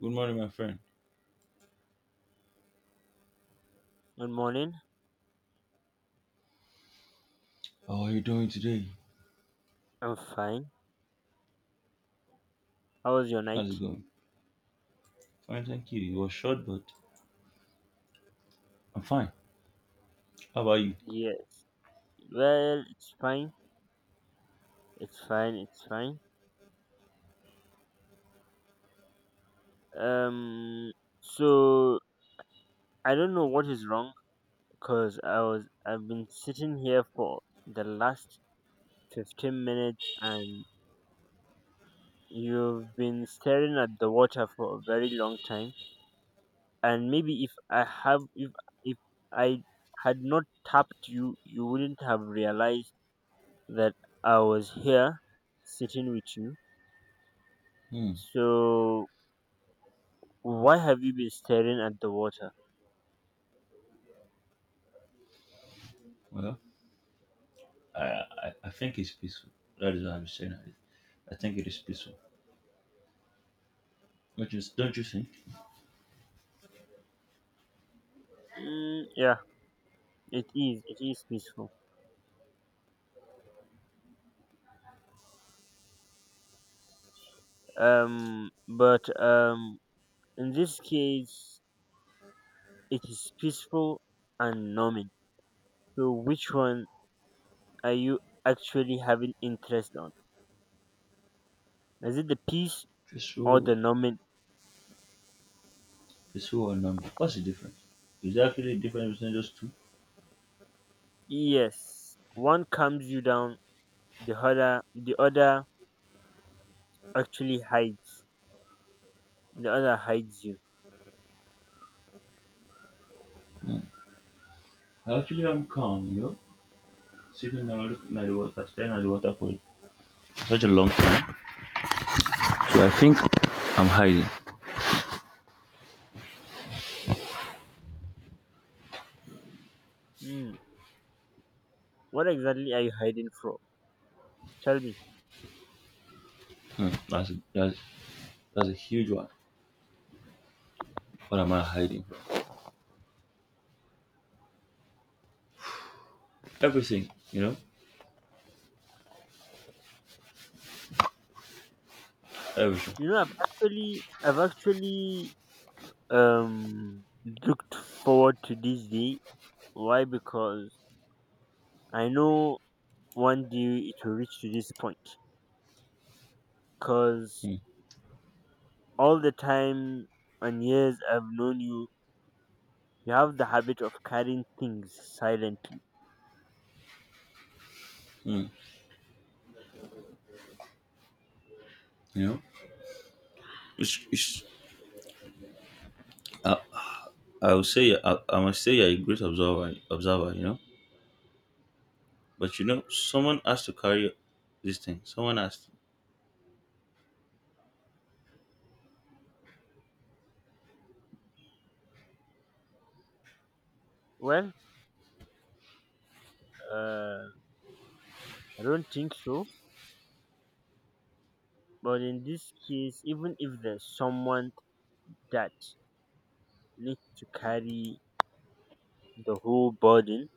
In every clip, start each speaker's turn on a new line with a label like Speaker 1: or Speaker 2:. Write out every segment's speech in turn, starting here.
Speaker 1: Good morning, my friend.
Speaker 2: Good morning.
Speaker 1: How are you doing today?
Speaker 2: I'm fine. How was your
Speaker 1: How's it
Speaker 2: night?
Speaker 1: going? Fine, thank you. You were short, but I'm fine. How about you?
Speaker 2: Yes. Well, it's fine. It's fine. Um. So I don't know what is wrong because I've been sitting here for the last 15 minutes, and you've been staring at the water for a very long time. And maybe if I had not tapped you, you wouldn't have realized that I was here sitting with you.
Speaker 1: Hmm.
Speaker 2: So why have you been staring at the water?
Speaker 1: Well, I think it's peaceful. That is what I'm saying. I think it is peaceful. Don't you think?
Speaker 2: Mm, yeah, it is. It is peaceful. But in this case, it is peaceful and numbing. So which one are you actually having interest on? Is it the peace or the
Speaker 1: Peaceful,
Speaker 2: numbing?
Speaker 1: peaceful or number? What's the difference? Is there actually a difference between those two?
Speaker 2: Yes, one calms you down. The other actually hides. The other hides you.
Speaker 1: Actually, I'm calm, you know, sitting down, looking at the water, staring at the water for such a long time. So I think I'm hiding.
Speaker 2: Hmm. What exactly are you hiding from? Tell me.
Speaker 1: Hmm. That's a huge one. What am I hiding from? Everything, you know? Everything.
Speaker 2: I've actually um looked forward to this day. Why? Because I know one day it will reach to this point. Because
Speaker 1: Mm,
Speaker 2: all the time and years I've known you, you have the habit of carrying things silently.
Speaker 1: mm, you know, it's, it's, I, I would say I must say you're a great observer. You know, but you know, someone has to carry this thing. Someone has to
Speaker 2: Well, uh, I don't think so. But in this case, even if there's someone that needs to carry the whole burden,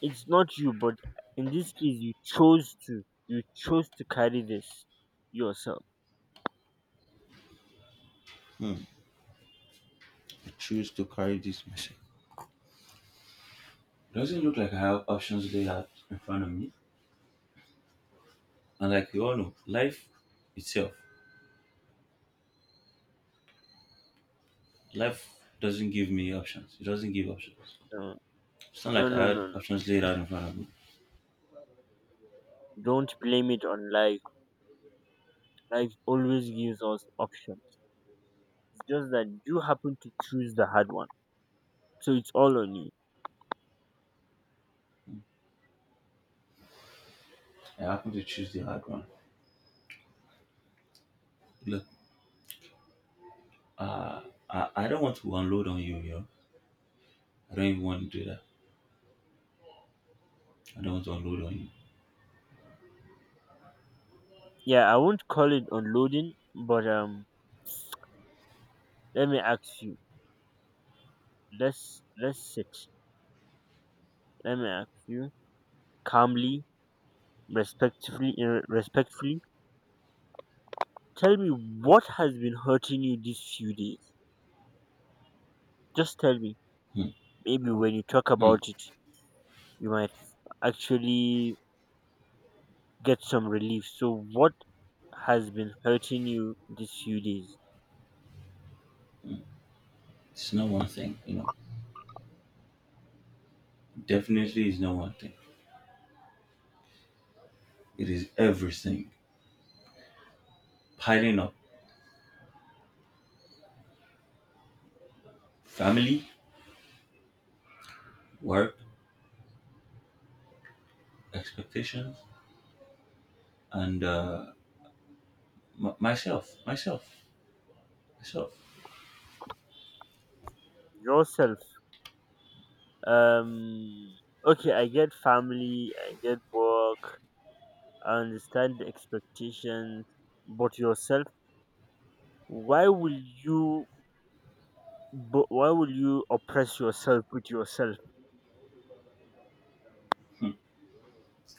Speaker 2: it's not you, but in this case you chose to carry this yourself.
Speaker 1: hmm, choose to carry this message. Doesn't look like I have options laid out in front of me. And like you all know, itself, life doesn't give me options. It doesn't give options.
Speaker 2: No,
Speaker 1: It's not
Speaker 2: no,
Speaker 1: like
Speaker 2: no,
Speaker 1: I had
Speaker 2: no, no.
Speaker 1: options laid out in front of me.
Speaker 2: Don't blame it on life. Life always gives us options. It's just that you happen to choose the hard one, so it's all on you.
Speaker 1: I happen to choose the hard one. Look, uh, I don't want to unload on you, yo. I don't even want to do that. I don't want to unload on you.
Speaker 2: Yeah, I won't call it unloading, but let me ask you. Let's sit. Let me ask you calmly, respectfully, respectfully. Tell me what has been hurting you these few days. Just tell me.
Speaker 1: Hmm,
Speaker 2: Maybe when you talk
Speaker 1: hmm.
Speaker 2: about it, you might actually get some relief. So, what has been hurting you these few days?
Speaker 1: It's not one thing, you know. Definitely is not one thing. It is everything. Piling up family, work, expectations, and m- myself, myself, myself.
Speaker 2: Yourself. Um. Okay, I get family, I get work, I understand the expectations, but yourself. Why will you? But why will you oppress yourself with yourself?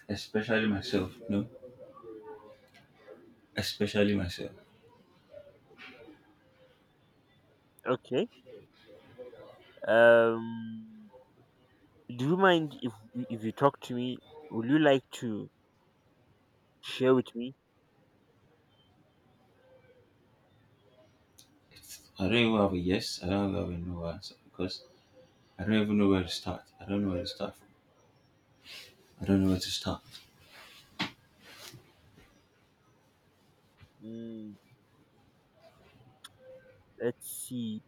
Speaker 1: Especially myself, no? Especially myself.
Speaker 2: Okay. Um. Do you mind if you talk to me? Would you like to share with me?
Speaker 1: It's, I don't even have a yes, I don't even have a no answer because I don't even know where to start. I don't know where to start from. I don't know where to start.
Speaker 2: Mm, let's see.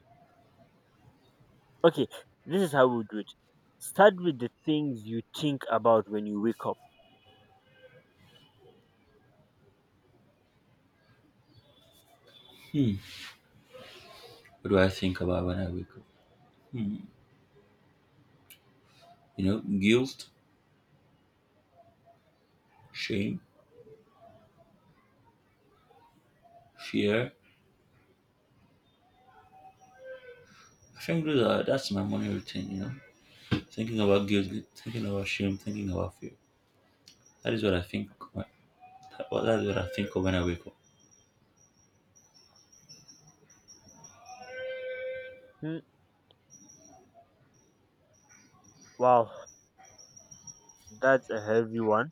Speaker 2: Okay, this is how we do it. Start with the things you think about when you wake up.
Speaker 1: What do I think about when I wake up? Hmm. You know, guilt, shame, fear, I think those are, that's my morning routine, you know, thinking about guilt, thinking about shame, thinking about fear. That is what I think. That is what I think of when I wake up.
Speaker 2: Hmm, wow, that's a heavy one.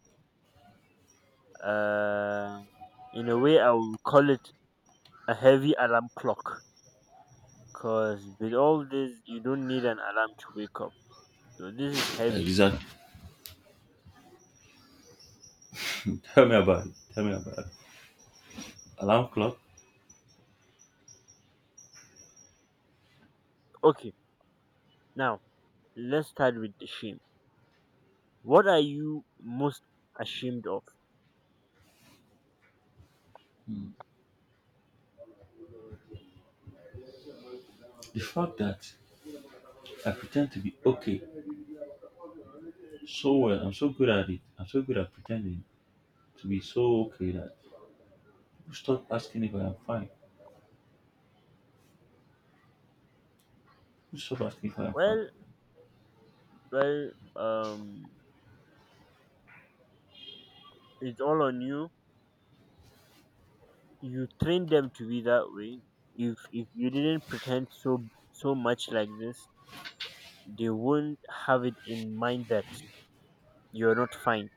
Speaker 2: Uh, in a way, I will call it a heavy alarm clock. Cause with all this, you don't need an alarm to wake up. So this is heavy.
Speaker 1: Exactly. Tell me about it. Tell me about it. Alarm clock.
Speaker 2: Okay, now let's start with the shame. What are you most ashamed of?
Speaker 1: The fact that I pretend to be okay so well, I'm so good at it. I'm so good at pretending to be so okay that people stop asking if I am fine. People stop asking if I am fine.
Speaker 2: Well, well, um, it's all on you. You train them to be that way. If you didn't pretend so much like this, they won't have it in mind that you're not fine,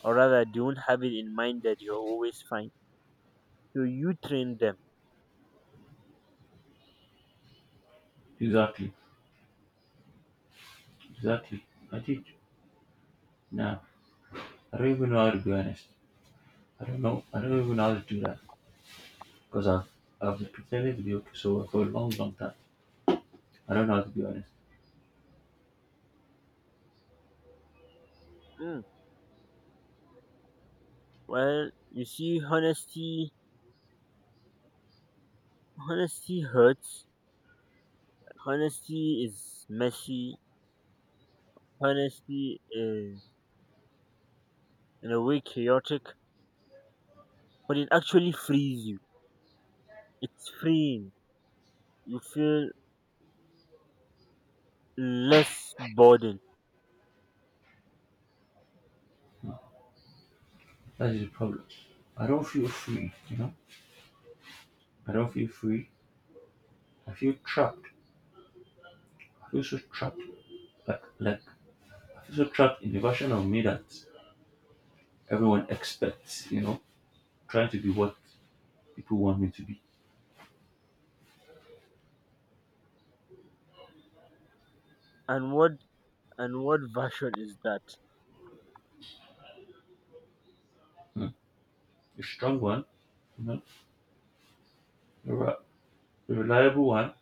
Speaker 2: or rather they won't have it in mind that you're always fine. So you train them.
Speaker 1: Exactly. Exactly. I did. Now I don't even know how to be honest. I don't know. I don't even know how to do that. Because I've pretended to be okay so for a long, long time. I don't know how to be honest.
Speaker 2: Mm. Well, you see, honesty hurts. Honesty is messy. Honesty is, in a way, chaotic, but it actually frees you. It's freeing. You feel less burdened.
Speaker 1: That is the problem. I don't feel free, you know? I don't feel free. I feel trapped. I feel so trapped. Like I feel so trapped in the version of me that everyone expects, you know? Trying to be what people want me to be.
Speaker 2: and what And what version is that?
Speaker 1: Mm. The strong one, you know? The, re- the reliable one,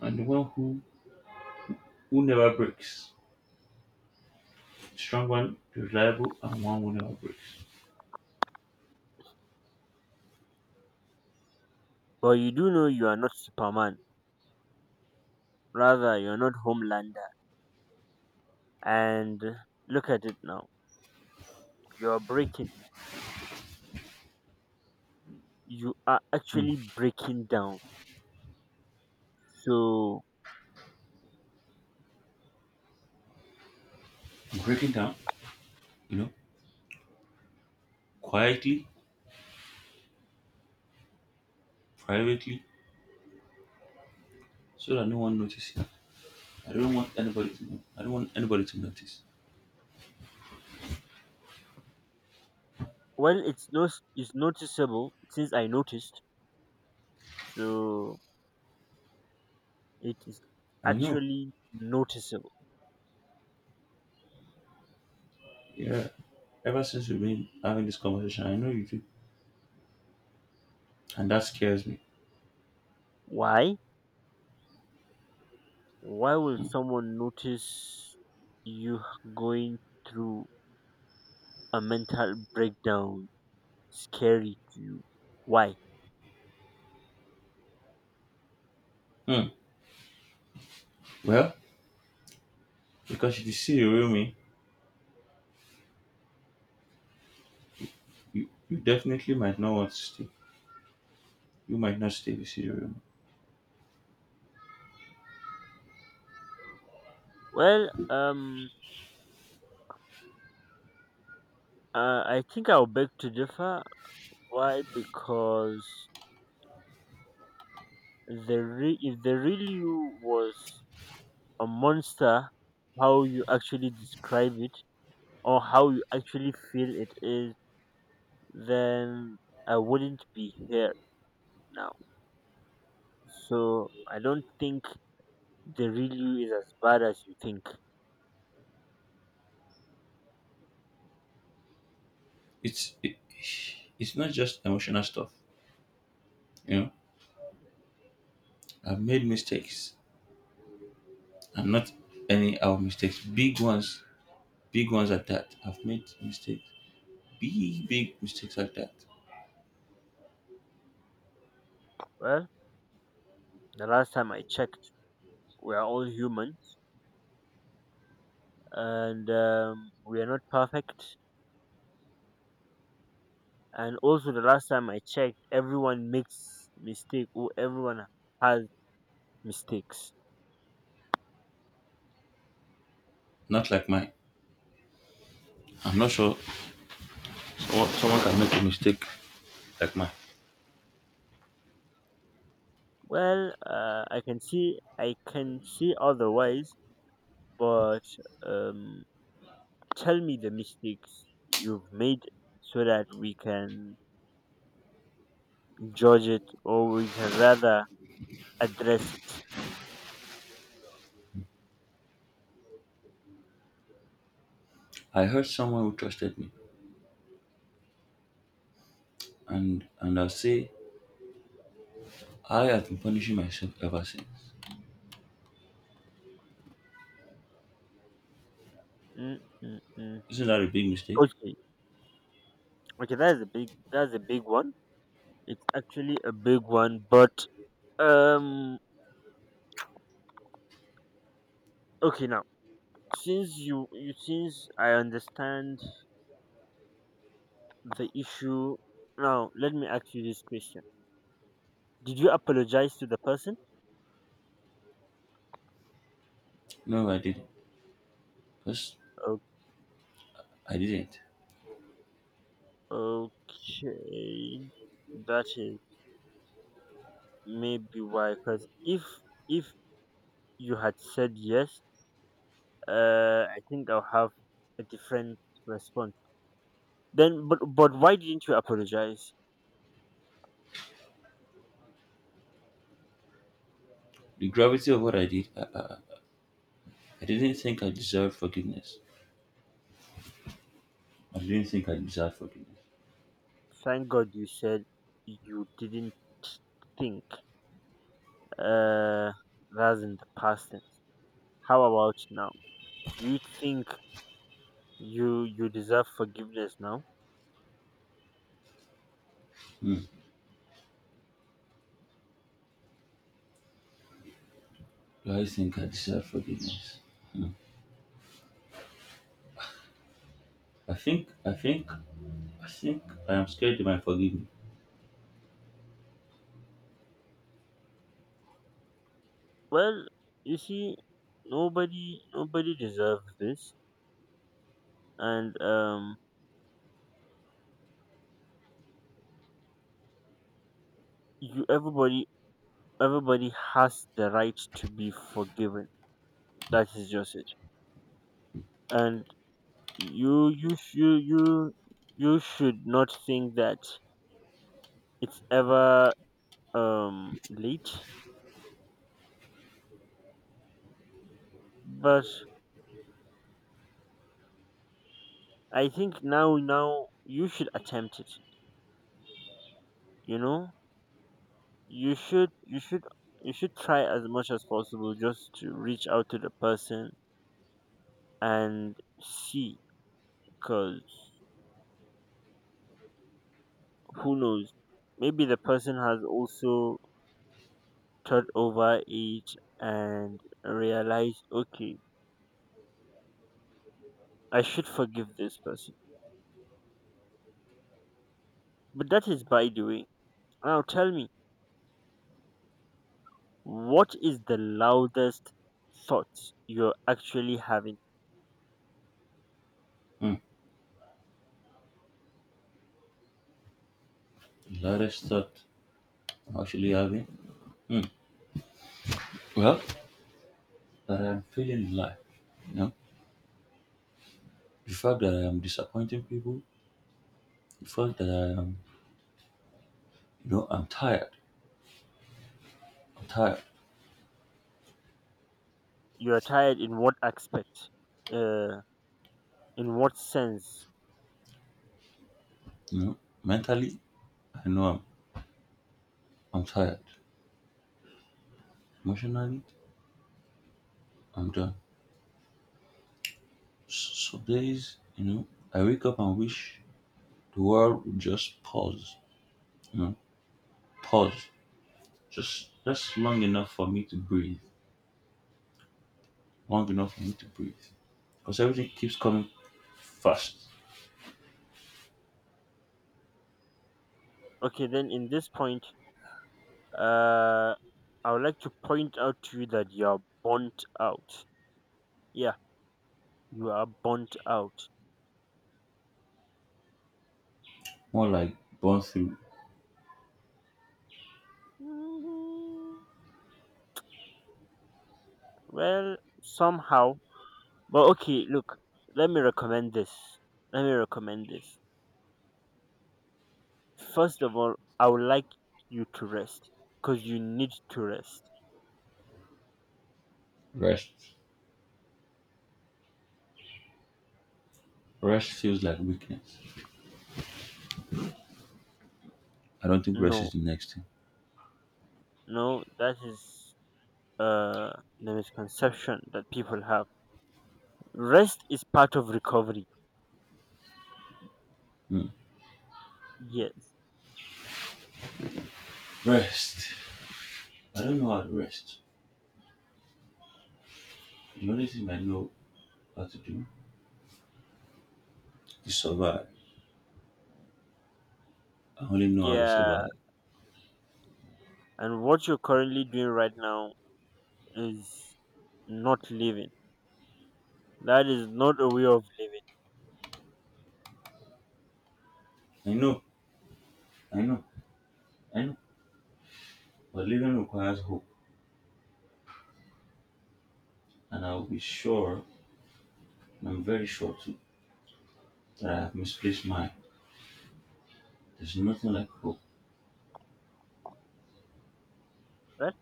Speaker 1: and the who never breaks. The strong one, the reliable, and one who never breaks.
Speaker 2: But you do know you are not Superman. Rather, you're not Homelander. And look at it now. You're breaking. You are actually breaking down. So,
Speaker 1: I'm breaking down, you know? Quietly, privately so that no one notices. I don't want anybody to know. I don't want anybody to notice.
Speaker 2: well, it's not it's noticeable since I noticed. So it is
Speaker 1: I know.
Speaker 2: actually noticeable.
Speaker 1: Yeah. Ever since we've been having this conversation, I know you do. And that scares me.
Speaker 2: Why? Why will someone notice you going through a mental breakdown scary to you? Why?
Speaker 1: Hmm. Well, because if you see the real me, you definitely might not want to stay. You might not stay if you see the real me.
Speaker 2: Well, uh, I think I'll beg to differ. Why? Because if the real you was a monster, how you actually describe it or how you actually feel it is, then I wouldn't be here now. So I don't think the real you is as bad as you think.
Speaker 1: It's it, it's not just emotional stuff. You know, I've made mistakes. And not any our mistakes. Big ones. Big ones at that. I've made mistakes. Big, big mistakes like that.
Speaker 2: Well, the last time I checked, we are all humans, and we are not perfect. And also the last time I checked, everyone makes mistake, or everyone has mistakes.
Speaker 1: Not like mine. I'm not sure. Someone can make a mistake like mine.
Speaker 2: Well, I can see otherwise, but um, tell me the mistakes you've made so that we can judge it, or we can rather address it.
Speaker 1: I hurt someone who trusted me, and I'll say I have been punishing myself ever since.
Speaker 2: Mm, mm, mm.
Speaker 1: Isn't that a big mistake?
Speaker 2: Okay, okay, that's a big one. It's actually a big one, but um, okay, now since you since I understand the issue, now let me ask you this question: did you apologize to the person?
Speaker 1: No, I didn't. Because
Speaker 2: O-
Speaker 1: I didn't.
Speaker 2: Okay, that is maybe why. Because if you had said yes, I think I'll have a different response. Then, but why didn't you apologize?
Speaker 1: The gravity of what I did, I didn't think I deserved forgiveness. I didn't think I deserved forgiveness.
Speaker 2: Thank God you said you didn't think. Uh, that's in the past tense. How about now? Do you think you deserve forgiveness now?
Speaker 1: Do I think I deserve forgiveness? I think I am scared they might forgive me.
Speaker 2: Well, you see, nobody deserves this, and you everybody has the right to be forgiven. That is just it. And you you should not think that it's ever late. But I think now you should attempt it. You know, you should you should you should try as much as possible just to reach out to the person and see, because who knows, maybe the person has also turned over age and realized, okay, I should forgive this person. But that is by the way. Now tell me, what is the loudest thoughts you're actually having?
Speaker 1: Hmm. The loudest thought I'm actually having. Hmm. Well, that I'm feeling alive. You know? The fact that I am disappointing people, the fact that I am, you know, I'm tired. I'm tired.
Speaker 2: You're tired in what aspect, uh in what sense?
Speaker 1: You know, mentally, I know I'm, I'm tired. Emotionally, I'm done. Some days, you know, I wake up and wish the world would just pause. You know, pause. Just long enough for me to breathe. Long enough for me to breathe. Because everything keeps coming fast.
Speaker 2: Okay, then in this point, Uh, I would like to point out to you that you're burnt out. Yeah, you are burnt out.
Speaker 1: More like burn through
Speaker 2: Mhm. Well, somehow. But okay, look, let me recommend this. Let me recommend this. First of all, I would like you to rest because you need to rest.
Speaker 1: rest. Rest feels like weakness. I don't think rest
Speaker 2: No,
Speaker 1: is the next thing.
Speaker 2: no, that is uh the misconception that people have. Rest is part of recovery.
Speaker 1: Hmm.
Speaker 2: Yes.
Speaker 1: Rest. I don't know how to rest. The only thing I know how to do is survive. I only know how to
Speaker 2: Yeah.
Speaker 1: survive.
Speaker 2: And what you're currently doing right now is not living. That is not a way of living.
Speaker 1: I know, I know, I know. But living requires hope, and I'll be sure, and I'm very sure too, that I have misplaced mine. There's nothing like hope.
Speaker 2: Right?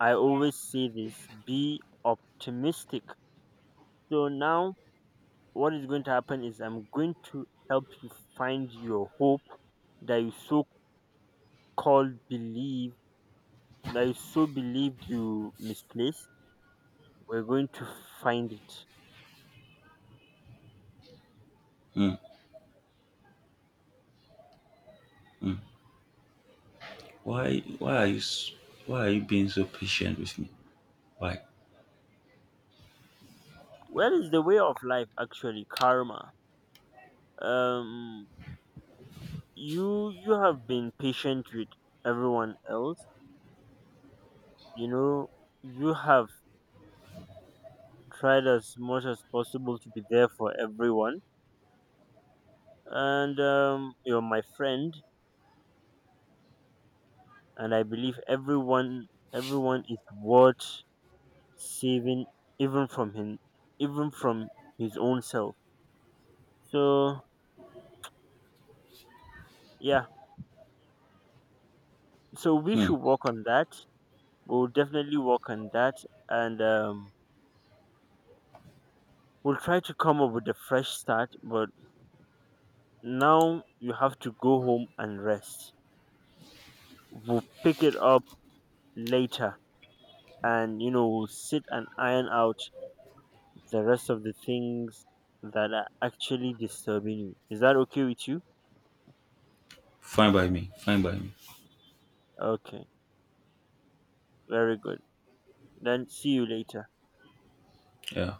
Speaker 2: I always say this: be optimistic. So now, what is going to happen is I'm going to help you find your hope that you so called believe, that you so believed you misplaced. We're going to find it.
Speaker 1: Hmm. Why, why are you, s- why are you being so patient with me? Why?
Speaker 2: Where is the way of life actually? Karma. Um, you have been patient with everyone else. You know you have tried as much as possible to be there for everyone, and you're my friend, and I believe everyone is worth saving, even from him, even from his own self. So yeah, so we
Speaker 1: Hmm.
Speaker 2: should work on that. We'll definitely work on that, and we'll try to come up with a fresh start. But now you have to go home and rest. We'll pick it up later, and you know we'll sit and iron out the rest of the things that are actually disturbing you. Is that okay with you?
Speaker 1: Fine by me. Fine by me.
Speaker 2: Okay, very good. Then see you later.
Speaker 1: Yeah.